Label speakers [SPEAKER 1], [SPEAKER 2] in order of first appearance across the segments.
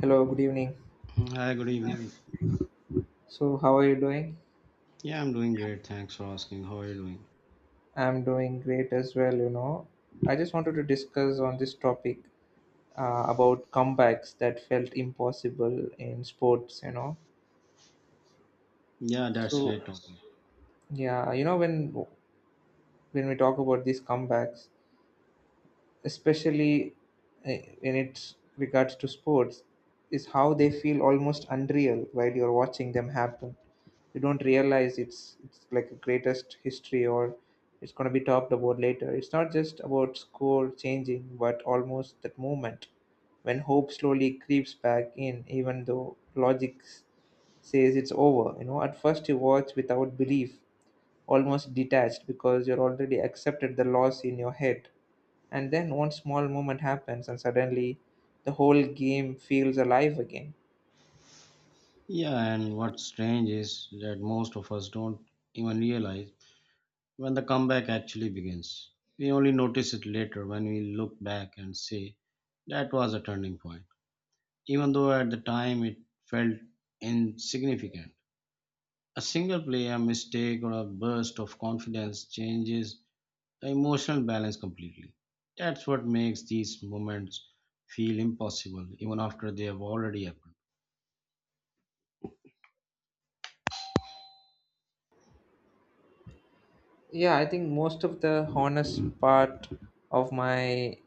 [SPEAKER 1] Hello, good evening.
[SPEAKER 2] Hi, good evening.
[SPEAKER 1] So, how are you doing?
[SPEAKER 2] Yeah, I'm doing great. Thanks for asking. How are you doing?
[SPEAKER 1] I'm doing great as well, you know. I just wanted to discuss on this topic about comebacks that felt impossible in sports, you know.
[SPEAKER 2] Yeah, that's a
[SPEAKER 1] So,
[SPEAKER 2] great topic.
[SPEAKER 1] yeah, you know when we talk about these comebacks, especially in its regards to sports, is how they feel almost unreal while you're watching them happen. You don't realize it's like a greatest history or it's going to be talked about later. It's not just about score changing, but almost that moment when hope slowly creeps back in, even though says it's over. You know, at first you watch without belief, almost detached because you're already accepted the loss in your head. And then one small moment happens, and suddenly the whole game feels alive again.
[SPEAKER 2] Yeah, and what's strange is that most of us don't even realize when the comeback actually begins. We only notice it later when we look back and say that was a turning point, even though at the time it felt insignificant. A single play, a mistake, or a burst of confidence changes the emotional balance completely. That's what makes these moments feel impossible, even after they have already happened.
[SPEAKER 1] Yeah, I think most of the honest part of my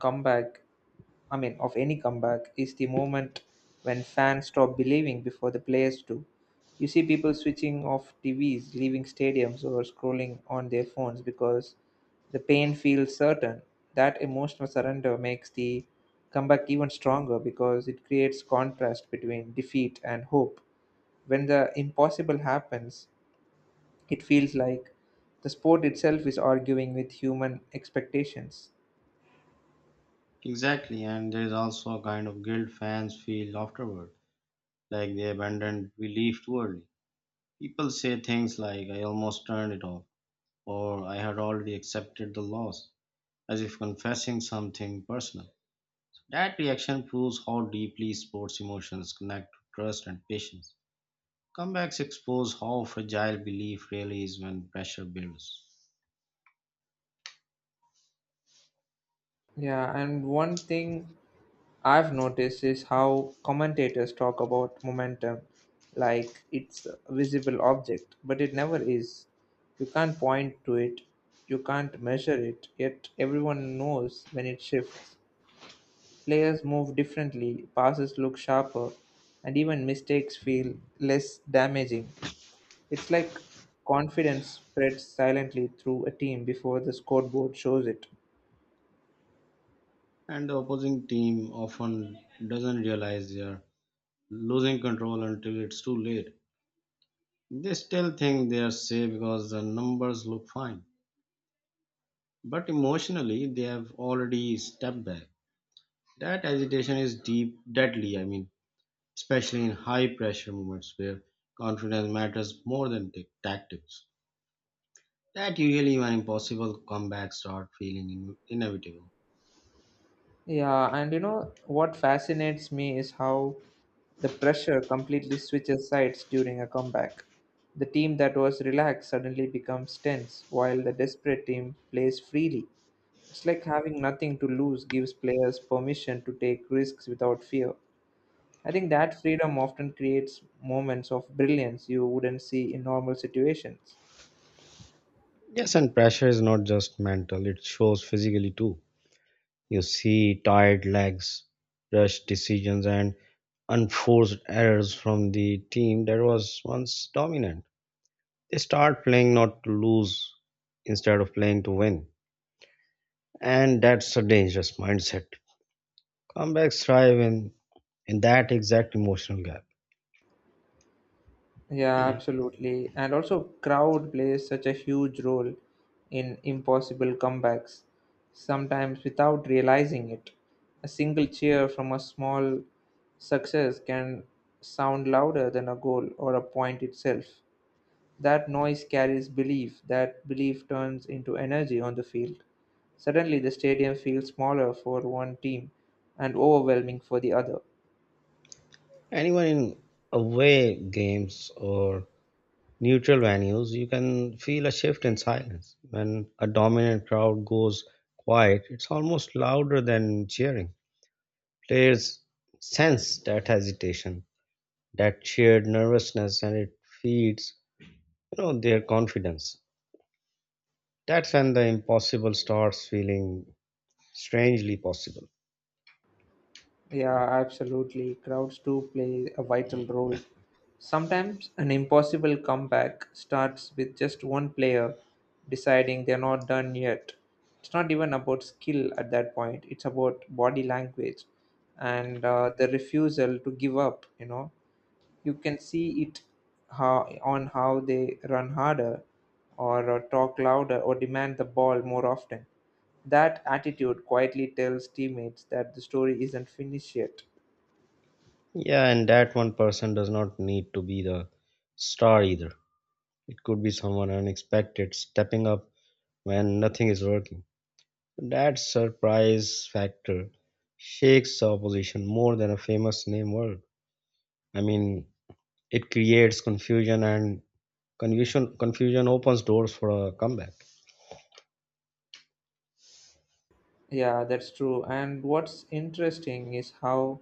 [SPEAKER 1] comeback, I mean, of any comeback is the moment when fans stop believing before the players do. You see people switching off TVs, leaving stadiums, or scrolling on their phones because the pain feels certain. That emotional surrender makes the comeback even stronger because it creates contrast between defeat and hope. When the impossible happens, it feels like the sport itself is arguing with human expectations.
[SPEAKER 2] Exactly, and there is also a kind of guilt fans feel afterward, like they abandoned belief too early. People say things like, I almost turned it off, or I had already accepted the loss, as if confessing something personal. That reaction proves how deeply sports emotions connect to trust and patience. Comebacks expose how fragile belief really is when pressure builds.
[SPEAKER 1] Yeah, and one thing I've noticed is how commentators talk about momentum like it's a visible object, but it never is. You can't point to it, you can't measure it, yet everyone knows when it shifts. Players move differently, passes look sharper, and even mistakes feel less damaging. It's like confidence spreads silently through a team before the scoreboard shows it.
[SPEAKER 2] And the opposing team often doesn't realize they're losing control until it's too late. They still think they're safe because the numbers look fine. But emotionally, they have already stepped back. That agitation is deep, deadly, I mean, especially in high pressure moments where confidence matters more than tactics. That usually when impossible comebacks start feeling inevitable.
[SPEAKER 1] Yeah, and you know what fascinates me is how the pressure completely switches sides during a comeback. The team that was relaxed suddenly becomes tense, while the desperate team plays freely. It's like having nothing to lose gives players permission to take risks without fear. I think that freedom often creates moments of brilliance you wouldn't see in normal situations.
[SPEAKER 2] Yes, and pressure is not just mental, it shows physically too. You see tired legs, rushed decisions, and unforced errors from the team that was once dominant. They start playing not to lose instead of playing to win. And that's a dangerous mindset. Comebacks thrive in that exact emotional gap.
[SPEAKER 1] Yeah,
[SPEAKER 2] Hmm.
[SPEAKER 1] absolutely. And also, crowd plays such a huge role in impossible comebacks, sometimes without realizing it. A single cheer from a small success can sound louder than a goal or a point itself. That noise carries belief, that belief turns into energy on the field. Suddenly, the stadium feels smaller for one team and overwhelming for the other.
[SPEAKER 2] Anyone in away games or neutral venues, you can feel a shift in silence. When a dominant crowd goes quiet, it's almost louder than cheering. Players sense that hesitation, that shared nervousness, and it feeds, you know, their confidence. That's when the impossible starts feeling strangely possible.
[SPEAKER 1] Yeah, absolutely. Crowds do play a vital role. Sometimes an impossible comeback starts with just one player deciding they're not done yet. It's not even about skill at that point, it's about body language and the refusal to give up, you know. You can see it how on how they run harder or talk louder or demand the ball more often. That attitude quietly tells teammates that the story isn't finished yet.
[SPEAKER 2] Yeah, and that one person does not need to be the star either. It could be someone unexpected stepping up when nothing is working. That surprise factor shakes the opposition more than a famous name word. I mean, it creates confusion and confusion opens doors for a comeback.
[SPEAKER 1] Yeah, that's true. And what's interesting is how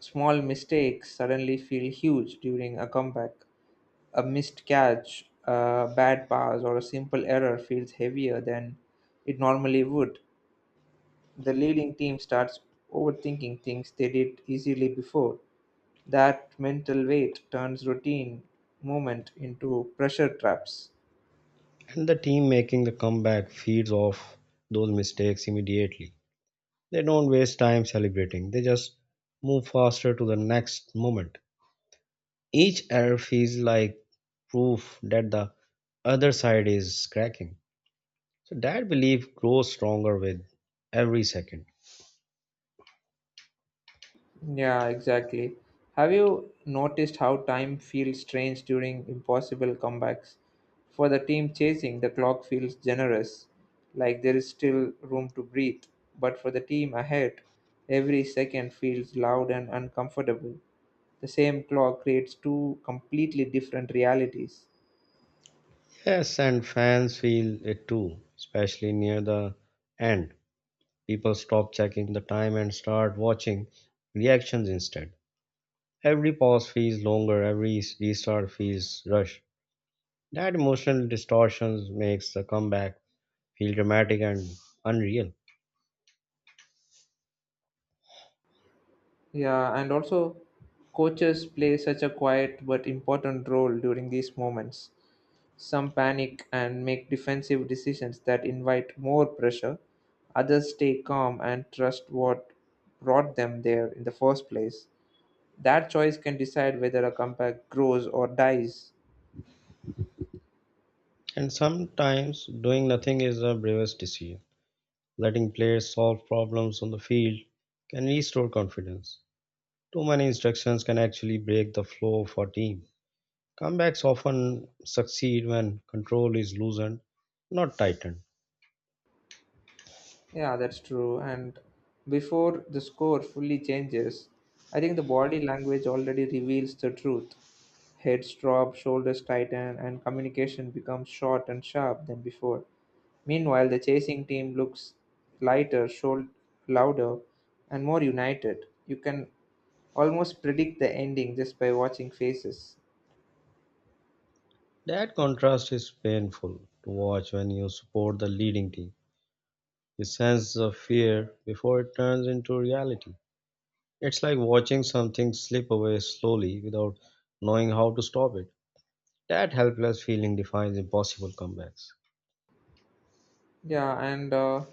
[SPEAKER 1] small mistakes suddenly feel huge during a comeback. A missed catch, a bad pass, or a simple error feels heavier than it normally would. The leading team starts overthinking things they did easily before. That mental weight turns routine movement into pressure traps.
[SPEAKER 2] And the team making the comeback feeds off those mistakes immediately. They don't waste time celebrating. They just move faster to the next moment. Each error feels like proof that the other side is cracking. So that belief grows stronger with every second.
[SPEAKER 1] Yeah, exactly. Have you noticed how time feels strange during impossible comebacks? For the team chasing, the clock feels generous, like there is still room to breathe. But for the team ahead, every second feels loud and uncomfortable. The same clock creates two completely different realities.
[SPEAKER 2] Yes, and fans feel it too, especially near the end. People stop checking the time and start watching reactions instead. Every pause feels longer, every restart feels rushed. That emotional distortion makes the comeback feel dramatic and unreal.
[SPEAKER 1] Yeah, and also coaches play such a quiet but important role during these moments. Some panic and make defensive decisions that invite more pressure. Others stay calm and trust what brought them there in the first place. That choice can decide whether a comeback grows or dies.
[SPEAKER 2] And sometimes doing nothing is the bravest decision. Letting players solve problems on the field can restore confidence. Too many instructions can actually break the flow of a team. Comebacks often succeed when control is loosened, not tightened.
[SPEAKER 1] Yeah, that's true. And before the score fully changes, I think the body language already reveals the truth. Heads drop, shoulders tighten, and communication becomes short and sharp than before. Meanwhile, the chasing team looks lighter, should louder, and more united. You can almost predict the ending just by watching faces.
[SPEAKER 2] That contrast is painful to watch when you support the leading team. You sense the fear before it turns into reality. It's like watching something slip away slowly without knowing how to stop it. That helpless feeling defines impossible comebacks.
[SPEAKER 1] Yeah, and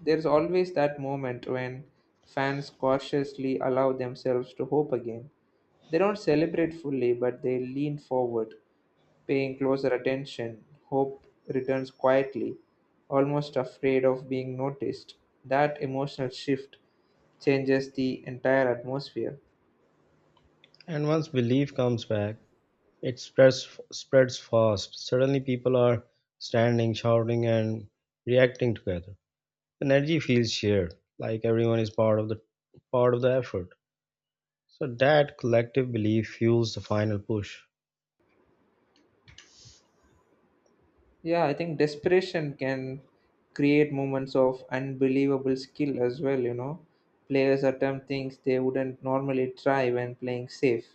[SPEAKER 1] there's always that moment when fans cautiously allow themselves to hope again. They don't celebrate fully, but they lean forward, paying closer attention. Hope returns quietly, almost afraid of being noticed. That emotional shift changes the entire atmosphere.
[SPEAKER 2] And once belief comes back, it spreads fast. Suddenly people are standing, shouting and reacting together. Energy feels shared, like everyone is part of the effort so that collective belief fuels the final push.
[SPEAKER 1] Yeah, I think desperation can create moments of unbelievable skill as well, you know. Players attempt things they wouldn't normally try when playing safe.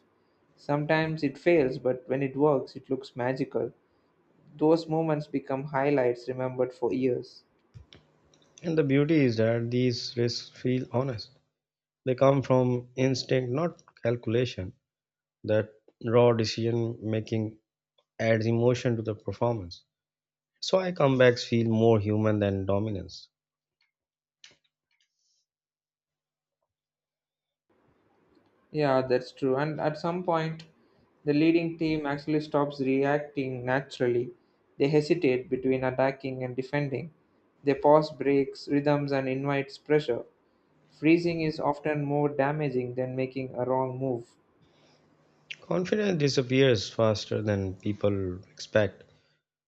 [SPEAKER 1] Sometimes it fails, but when it works, it looks magical. Those moments become highlights remembered for years.
[SPEAKER 2] And the beauty is that these risks feel honest. They come from instinct, not calculation. That raw decision making adds emotion to the performance. So I comebacks feel more human than dominance.
[SPEAKER 1] Yeah, that's true. And at some point, the leading team actually stops reacting naturally. They hesitate between attacking and defending. They pause breaks, rhythms, and invites pressure. Freezing is often more damaging than making a wrong move.
[SPEAKER 2] Confidence disappears faster than people expect.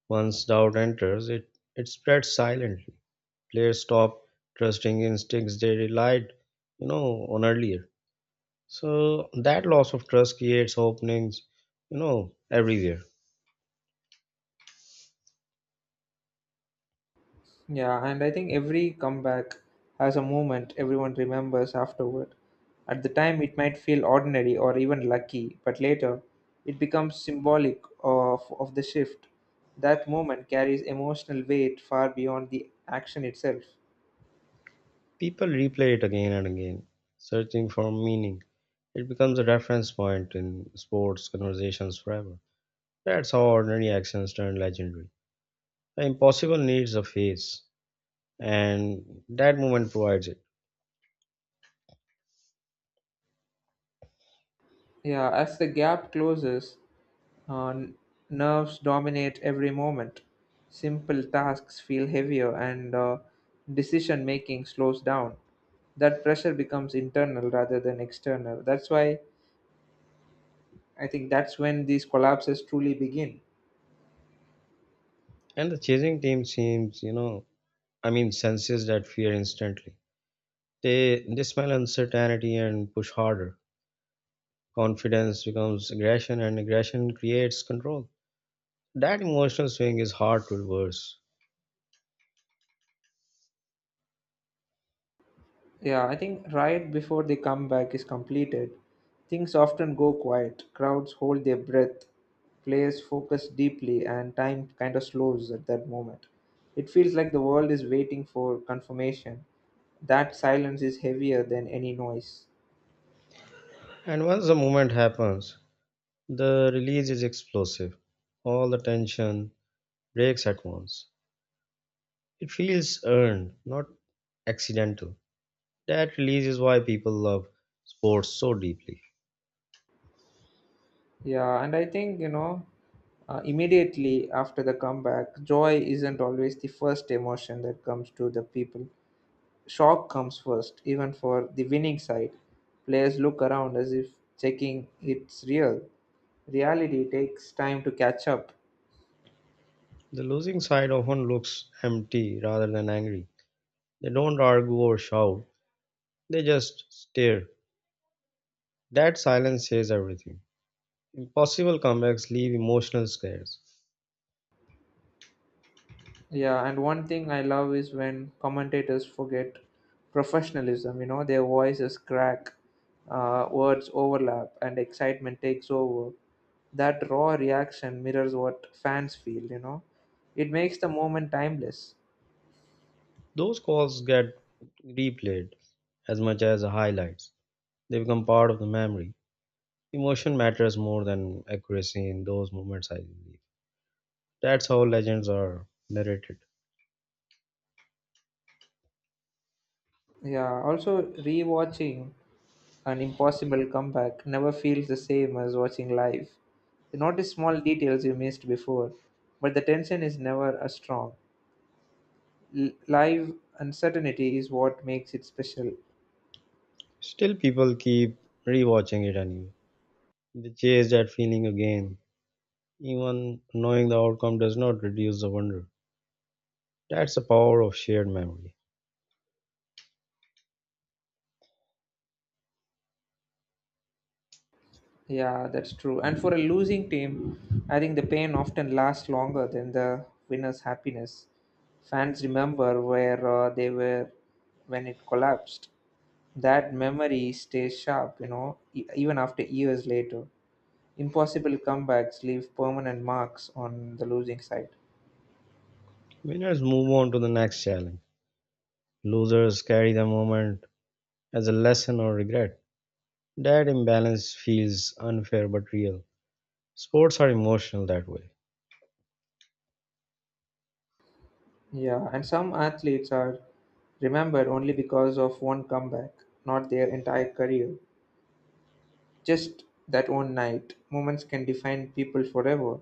[SPEAKER 2] Once doubt enters it, spreads silently. Players stopped trusting instincts they relied, you know, on earlier. So that loss of trust creates openings, you know, everywhere.
[SPEAKER 1] Yeah, and I think every comeback has a moment everyone remembers afterward. At the time, it might feel ordinary or even lucky, but later, it becomes symbolic of the shift. That moment carries emotional weight far beyond the action itself.
[SPEAKER 2] People replay it again and again, searching for meaning. It becomes a reference point in sports conversations forever. That's how ordinary actions turn legendary. The impossible needs a face, and that moment provides it.
[SPEAKER 1] Yeah, as the gap closes, Uh, n- nerves dominate every moment. Simple tasks feel heavier and decision making slows down. That pressure becomes internal rather than external. That's why I think that's when these collapses truly begin.
[SPEAKER 2] And the chasing team seems, you know, I mean, senses that fear instantly. They smell uncertainty and push harder. Confidence becomes aggression, and aggression creates control. That emotional swing is hard to reverse.
[SPEAKER 1] Yeah, I think right before the comeback is completed, things often go quiet. Crowds hold their breath, players focus deeply, and time kind of slows at that moment. It feels like the world is waiting for confirmation. That silence is heavier than any noise.
[SPEAKER 2] And once the movement happens, the release is explosive. All the tension breaks at once. It feels earned, not accidental. That release is why people love sports so deeply.
[SPEAKER 1] Yeah, and I think, you know, immediately after the comeback, joy isn't always the first emotion that comes to the people. Shock comes first, even for the winning side. Players look around as if checking it's real. Reality takes time to catch up.
[SPEAKER 2] The losing side often looks empty rather than angry. They don't argue or shout, they just stare. That silence says everything. Impossible comebacks leave emotional scares.
[SPEAKER 1] Yeah, and one thing I love is when commentators forget professionalism, you know, their voices crack, words overlap, and excitement takes over. That raw reaction mirrors what fans feel, you know. It makes the moment timeless.
[SPEAKER 2] Those calls get replayed as much as the highlights. They become part of the memory. Emotion matters more than accuracy in those moments, I believe. That's how legends are narrated.
[SPEAKER 1] Yeah, also rewatching. An impossible comeback never feels the same as watching live. You notice small details you missed before, but the tension is never as strong. Live uncertainty is what makes it special.
[SPEAKER 2] Still, people keep rewatching it anyway. They chase that feeling again, even knowing the outcome does not reduce the wonder. That's the power of shared memory.
[SPEAKER 1] Yeah, that's true. And for a losing team, I think the pain often lasts longer than the winner's happiness. Fans remember where they were when it collapsed. That memory stays sharp, you know, even after years later. Impossible comebacks leave permanent marks on the losing side.
[SPEAKER 2] Winners move on to the next challenge. Losers carry the moment as a lesson or regret. That imbalance feels unfair but real. Sports are emotional that way,
[SPEAKER 1] Yeah, and some athletes are remembered only because of one comeback, not their entire career. Just that one night. Moments can define people forever.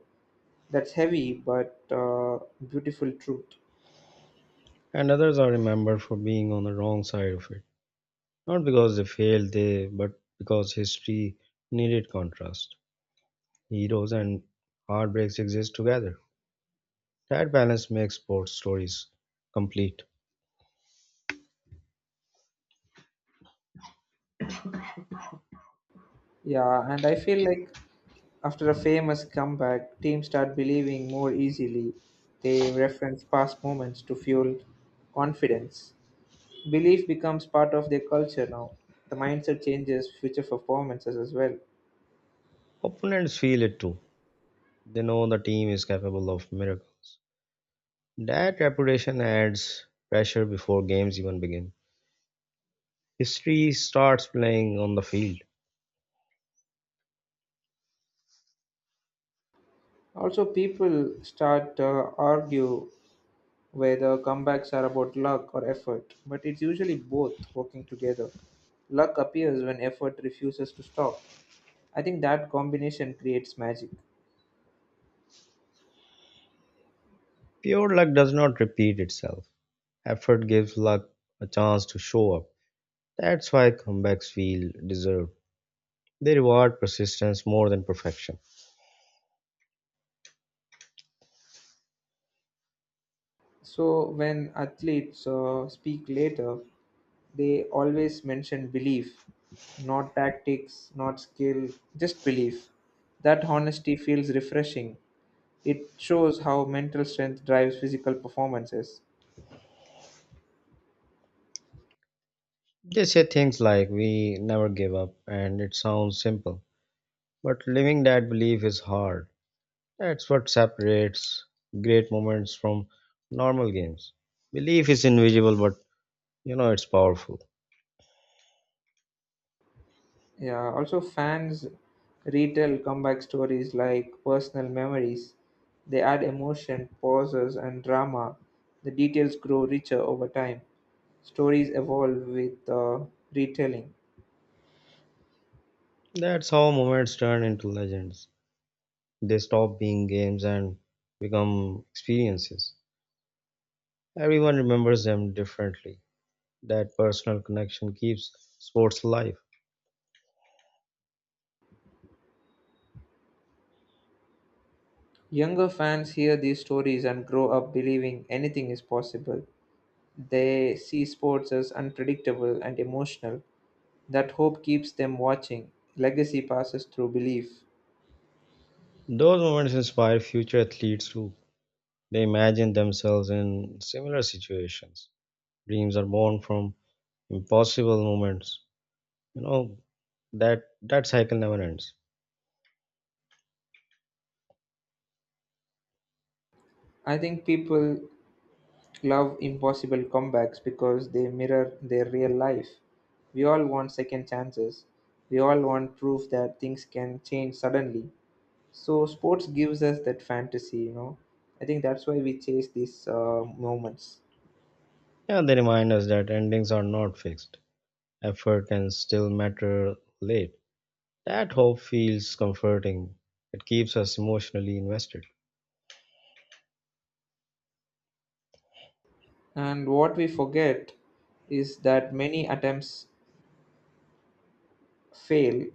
[SPEAKER 1] That's heavy but beautiful truth.
[SPEAKER 2] and others are remembered for being on the wrong side of it. Not because they failed, they but because history needed contrast. Heroes and heartbreaks exist together. That balance makes sports stories complete.
[SPEAKER 1] Yeah, and I feel like after a famous comeback, teams start believing more easily. They reference past moments to fuel confidence. Belief becomes part of their culture now. The mindset changes future performances as well.
[SPEAKER 2] Opponents feel it too. They know the team is capable of miracles. That reputation adds pressure before games even begin. History starts playing on the field.
[SPEAKER 1] Also, people start argue whether comebacks are about luck or effort, but it's usually both working together. Luck appears when effort refuses to stop. I think that combination creates magic.
[SPEAKER 2] Pure luck does not repeat itself. Effort gives luck a chance to show up. That's why comebacks feel deserved. They reward persistence more than perfection.
[SPEAKER 1] So when athletes speak later, they always mention belief, not tactics, not skill, just belief. That honesty feels refreshing. It shows how mental strength drives physical performances.
[SPEAKER 2] They say things like, We never give up, and it sounds simple. But living that belief is hard. That's what separates great moments from normal games. Belief is invisible, but you know it's powerful.
[SPEAKER 1] Yeah, also fans retell comeback stories like personal memories. They add emotion, pauses, and drama. The details grow richer over time. Stories evolve with retelling.
[SPEAKER 2] That's how moments turn into legends. They stop being games and become experiences. Everyone remembers them differently. That personal connection keeps sports alive.
[SPEAKER 1] Younger fans hear these stories and grow up believing anything is possible. They see sports as unpredictable and emotional. That hope keeps them watching. Legacy passes through belief.
[SPEAKER 2] Those moments inspire future athletes too. They imagine themselves in similar situations. Dreams are born from impossible moments. You know that cycle never ends.
[SPEAKER 1] I think people love impossible comebacks because they mirror their real life. We all want second chances. We all want proof that things can change suddenly. So sports gives us that fantasy, you know. I think that's why we chase these moments.
[SPEAKER 2] Yeah, they remind us that endings are not fixed. Effort can still matter late. That hope feels comforting. It keeps us emotionally invested.
[SPEAKER 1] And what we forget is that many attempts fail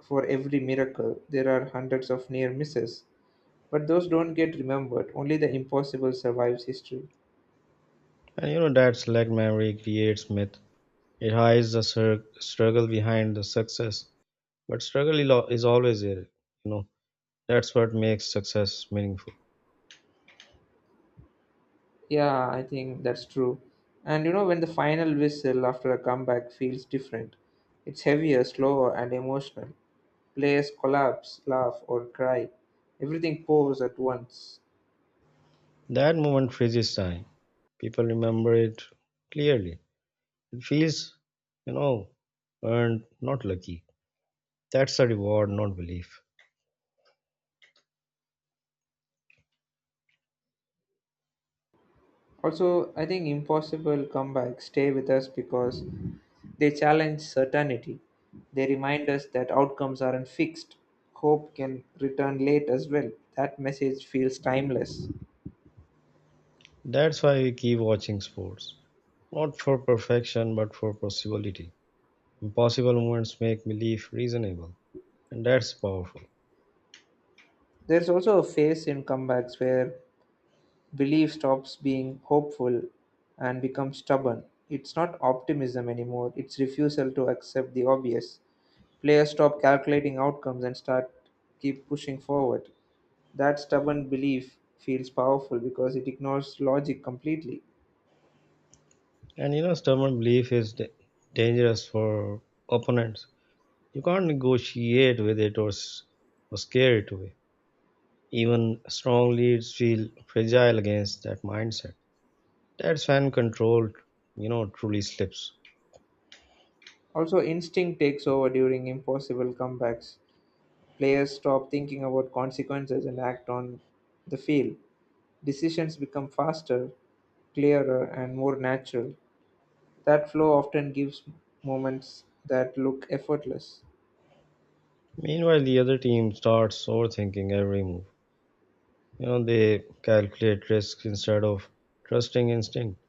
[SPEAKER 1] for every miracle. There are hundreds of near misses, but those don't get remembered. Only the impossible survives history.
[SPEAKER 2] And you know that select memory creates myth. It hides the struggle behind the success, but struggle is always there. You know that's what makes success meaningful.
[SPEAKER 1] Yeah, I think that's true. And you know, when the final whistle after a comeback feels different, it's heavier, slower, and emotional. Players collapse, laugh, or cry. Everything pours at once.
[SPEAKER 2] That moment freezes time. People remember it clearly. It feels, you know, earned, not lucky. That's a reward, not belief.
[SPEAKER 1] Also, I think impossible comebacks stay with us because they challenge certainty. They remind us that outcomes aren't fixed. Hope can return late as well. That message feels timeless.
[SPEAKER 2] That's why we keep watching sports, not for perfection, but for possibility. Impossible moments make belief reasonable, and that's powerful.
[SPEAKER 1] There's also a phase in comebacks where belief stops being hopeful and becomes stubborn. It's not optimism anymore, it's refusal to accept the obvious. Players stop calculating outcomes and start keep pushing forward. That stubborn belief feels powerful because it ignores logic completely.
[SPEAKER 2] And you know, stubborn belief is dangerous for opponents. You can't negotiate with it, or scare it away. Even strong leads feel fragile against that mindset. That's when control, you know, truly slips.
[SPEAKER 1] Also, instinct takes over during impossible comebacks. Players stop thinking about consequences and act on the field. Decisions become faster, clearer, and more natural. That flow often gives moments that look effortless.
[SPEAKER 2] Meanwhile, the other team starts overthinking every move. You know, they calculate risks instead of trusting instinct.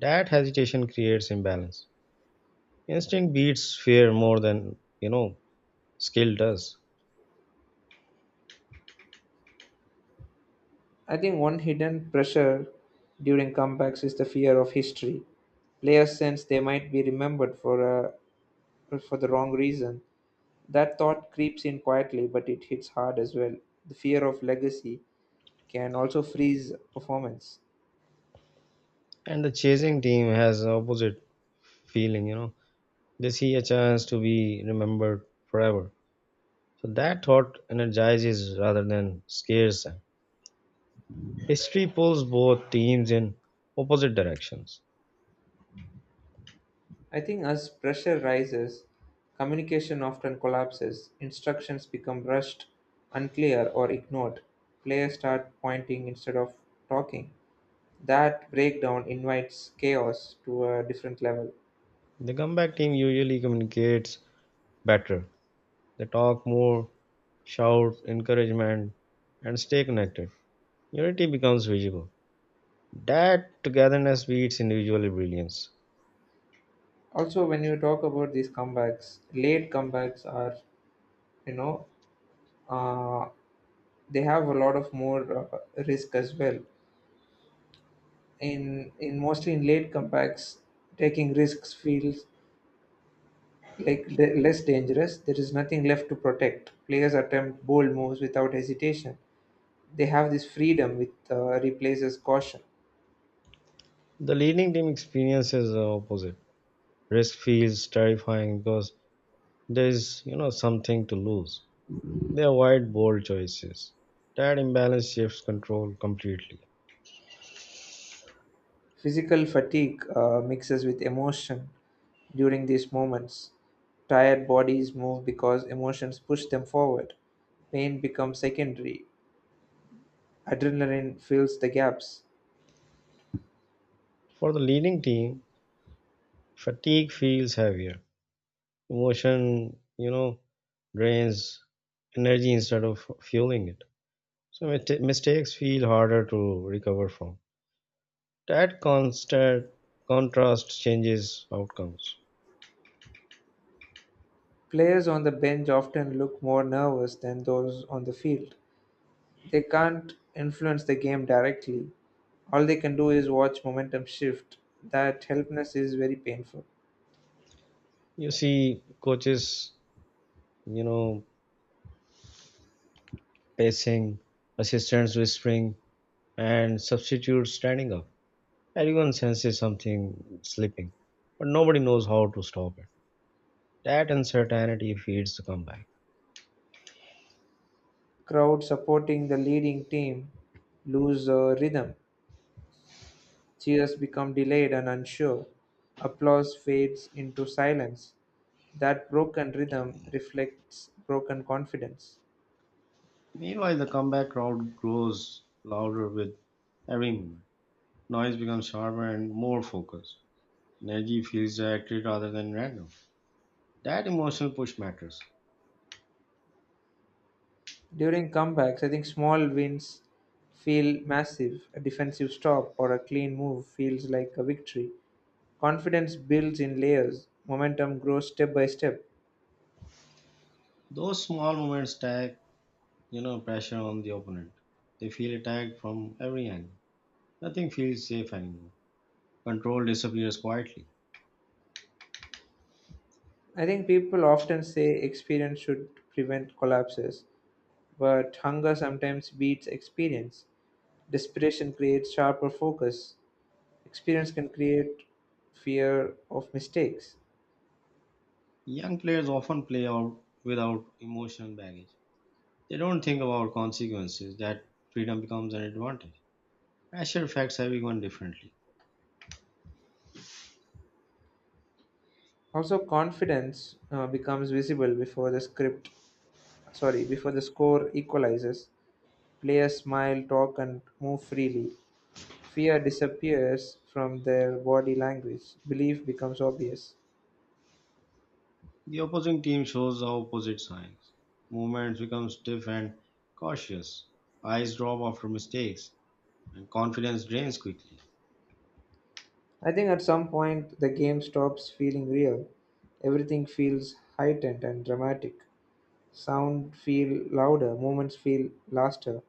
[SPEAKER 2] That hesitation creates imbalance. Instinct beats fear more than, you know, skill does.
[SPEAKER 1] I think one hidden pressure during comebacks is the fear of history. Players sense they might be remembered for for the wrong reason. That thought creeps in quietly, but it hits hard as well. The fear of legacy can also freeze performance.
[SPEAKER 2] And the chasing team has opposite feeling, you know. They see a chance to be remembered forever. So that thought energizes rather than scares them. History pulls both teams in opposite directions.
[SPEAKER 1] I think as pressure rises, communication often collapses, instructions become rushed, unclear, or ignored. Players start pointing instead of talking. That breakdown invites chaos to a different level.
[SPEAKER 2] The comeback team usually communicates better. They talk more, shout encouragement, and stay connected. Unity becomes visible. That togetherness beats individual brilliance.
[SPEAKER 1] Also, when you talk about these comebacks, late comebacks are, you know, uh, they have a lot of more risk as well. In mostly in late comebacks, taking risks feels like less dangerous. There is nothing left to protect. Players attempt bold moves without hesitation. They have this freedom which replaces caution.
[SPEAKER 2] The leading team experiences the opposite. Risk feels terrifying because there is, you know, something to lose. They avoid bold choices. That imbalance shifts control completely.
[SPEAKER 1] Physical fatigue mixes with emotion during these moments. Tired bodies move because emotions push them forward. Pain becomes secondary. Adrenaline fills the gaps.
[SPEAKER 2] For the leading team, fatigue feels heavier. Emotion, you know, drains energy instead of fueling it. So mistakes feel harder to recover from. That constant contrast changes outcomes.
[SPEAKER 1] Players on the bench often look more nervous than those on the field. They can't influence the game directly. All they can do is watch momentum shift. That helplessness is very painful.
[SPEAKER 2] You see coaches, you know, pacing, assistants whispering, and substitutes standing up. Everyone senses something slipping, but nobody knows how to stop it. That uncertainty feeds the comeback.
[SPEAKER 1] Crowd supporting the leading team lose rhythm. Cheers become delayed and unsure. Applause fades into silence. That broken rhythm reflects broken confidence.
[SPEAKER 2] Meanwhile, the comeback crowd grows louder with every movement. Noise becomes sharper and more focused. Energy feels directed rather than random. That emotional push matters.
[SPEAKER 1] During comebacks, I think small wins feel massive. A defensive stop or a clean move feels like a victory. Confidence builds in layers, momentum grows step by step.
[SPEAKER 2] Those small moments stack, you know, pressure on the opponent. They feel attacked from every angle. Nothing feels safe anymore. Control disappears quietly.
[SPEAKER 1] I think people often say experience should prevent collapses, but hunger sometimes beats experience. Desperation creates sharper focus. Experience can create fear of mistakes.
[SPEAKER 2] Young players often play out without emotional baggage. They don't think about consequences, that freedom becomes an advantage. Pressure affects everyone differently.
[SPEAKER 1] Also, confidence becomes visible before the script, sorry, before the score equalizes. Players smile, talk, and move freely. Fear disappears from their body language. Belief becomes obvious.
[SPEAKER 2] The opposing team shows the opposite signs. Movements become stiff and cautious. Eyes drop after mistakes, and confidence drains quickly.
[SPEAKER 1] I think at some point the game stops feeling real. Everything feels heightened and dramatic. Sound feel louder, moments feel laster,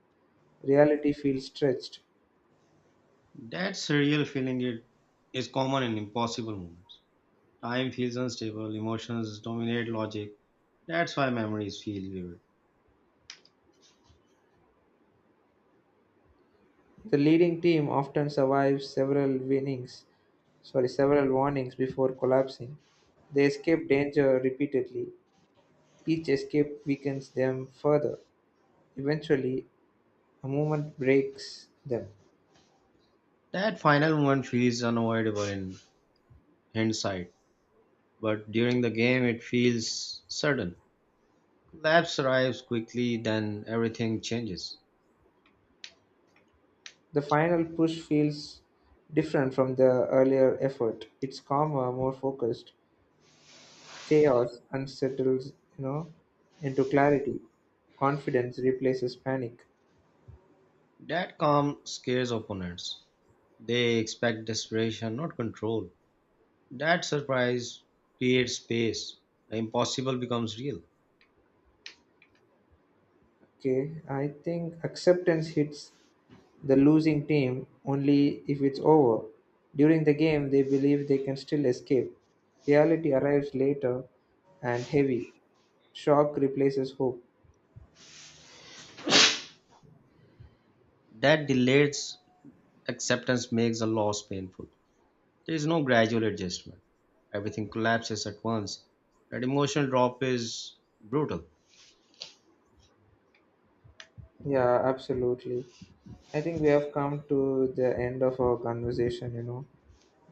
[SPEAKER 1] reality feels stretched.
[SPEAKER 2] That surreal feeling it is common in impossible moments. Time feels unstable, emotions dominate logic. That's why memories feel vivid.
[SPEAKER 1] The leading team often survives several winnings, sorry, several warnings before collapsing. They escape danger repeatedly. Each escape weakens them further. Eventually, a movement breaks them.
[SPEAKER 2] That final moment feels unavoidable in hindsight, but during the game it feels sudden. Labs arrives quickly, then everything changes.
[SPEAKER 1] The final push feels different from the earlier effort. It's calmer, more focused. Chaos unsettles, you know, into clarity. Confidence replaces panic.
[SPEAKER 2] That calm scares opponents. They expect desperation, not control. That surprise creates space. The impossible becomes real.
[SPEAKER 1] Okay, I think acceptance hits the losing team only if it's over. During the game, they believe they can still escape. Reality arrives later and heavy. Shock replaces hope.
[SPEAKER 2] That delayed acceptance makes the loss painful. There is no gradual adjustment. Everything collapses at once. That emotional drop is brutal.
[SPEAKER 1] Yeah, absolutely. I think we have come to the end of our conversation, you know,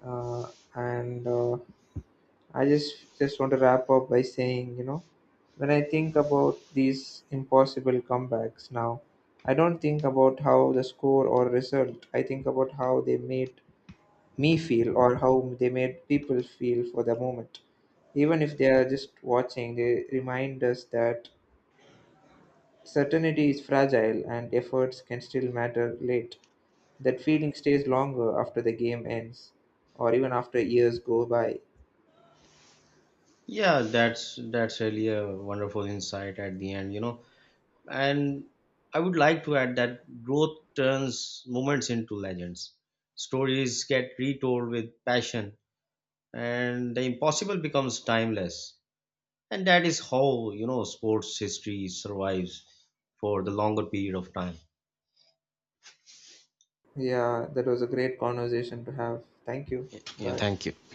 [SPEAKER 1] uh, and I just want to wrap up by saying, you know, when I think about these impossible comebacks now, I don't think about how the score or result. I think about how they made me feel or how they made people feel for the moment. Even if they are just watching, they remind us that certainty is fragile and efforts can still matter late. That feeling stays longer after the game ends or even after years go by.
[SPEAKER 2] Yeah, that's really a wonderful insight at the end, you know. And I would like to add that growth turns moments into legends. Stories get retold with passion, and the impossible becomes timeless. And that is how, you know, sports history survives for the longer period of time.
[SPEAKER 1] Yeah, that was a great conversation to have. Thank you.
[SPEAKER 2] Yeah,
[SPEAKER 1] Bye.
[SPEAKER 2] thank you.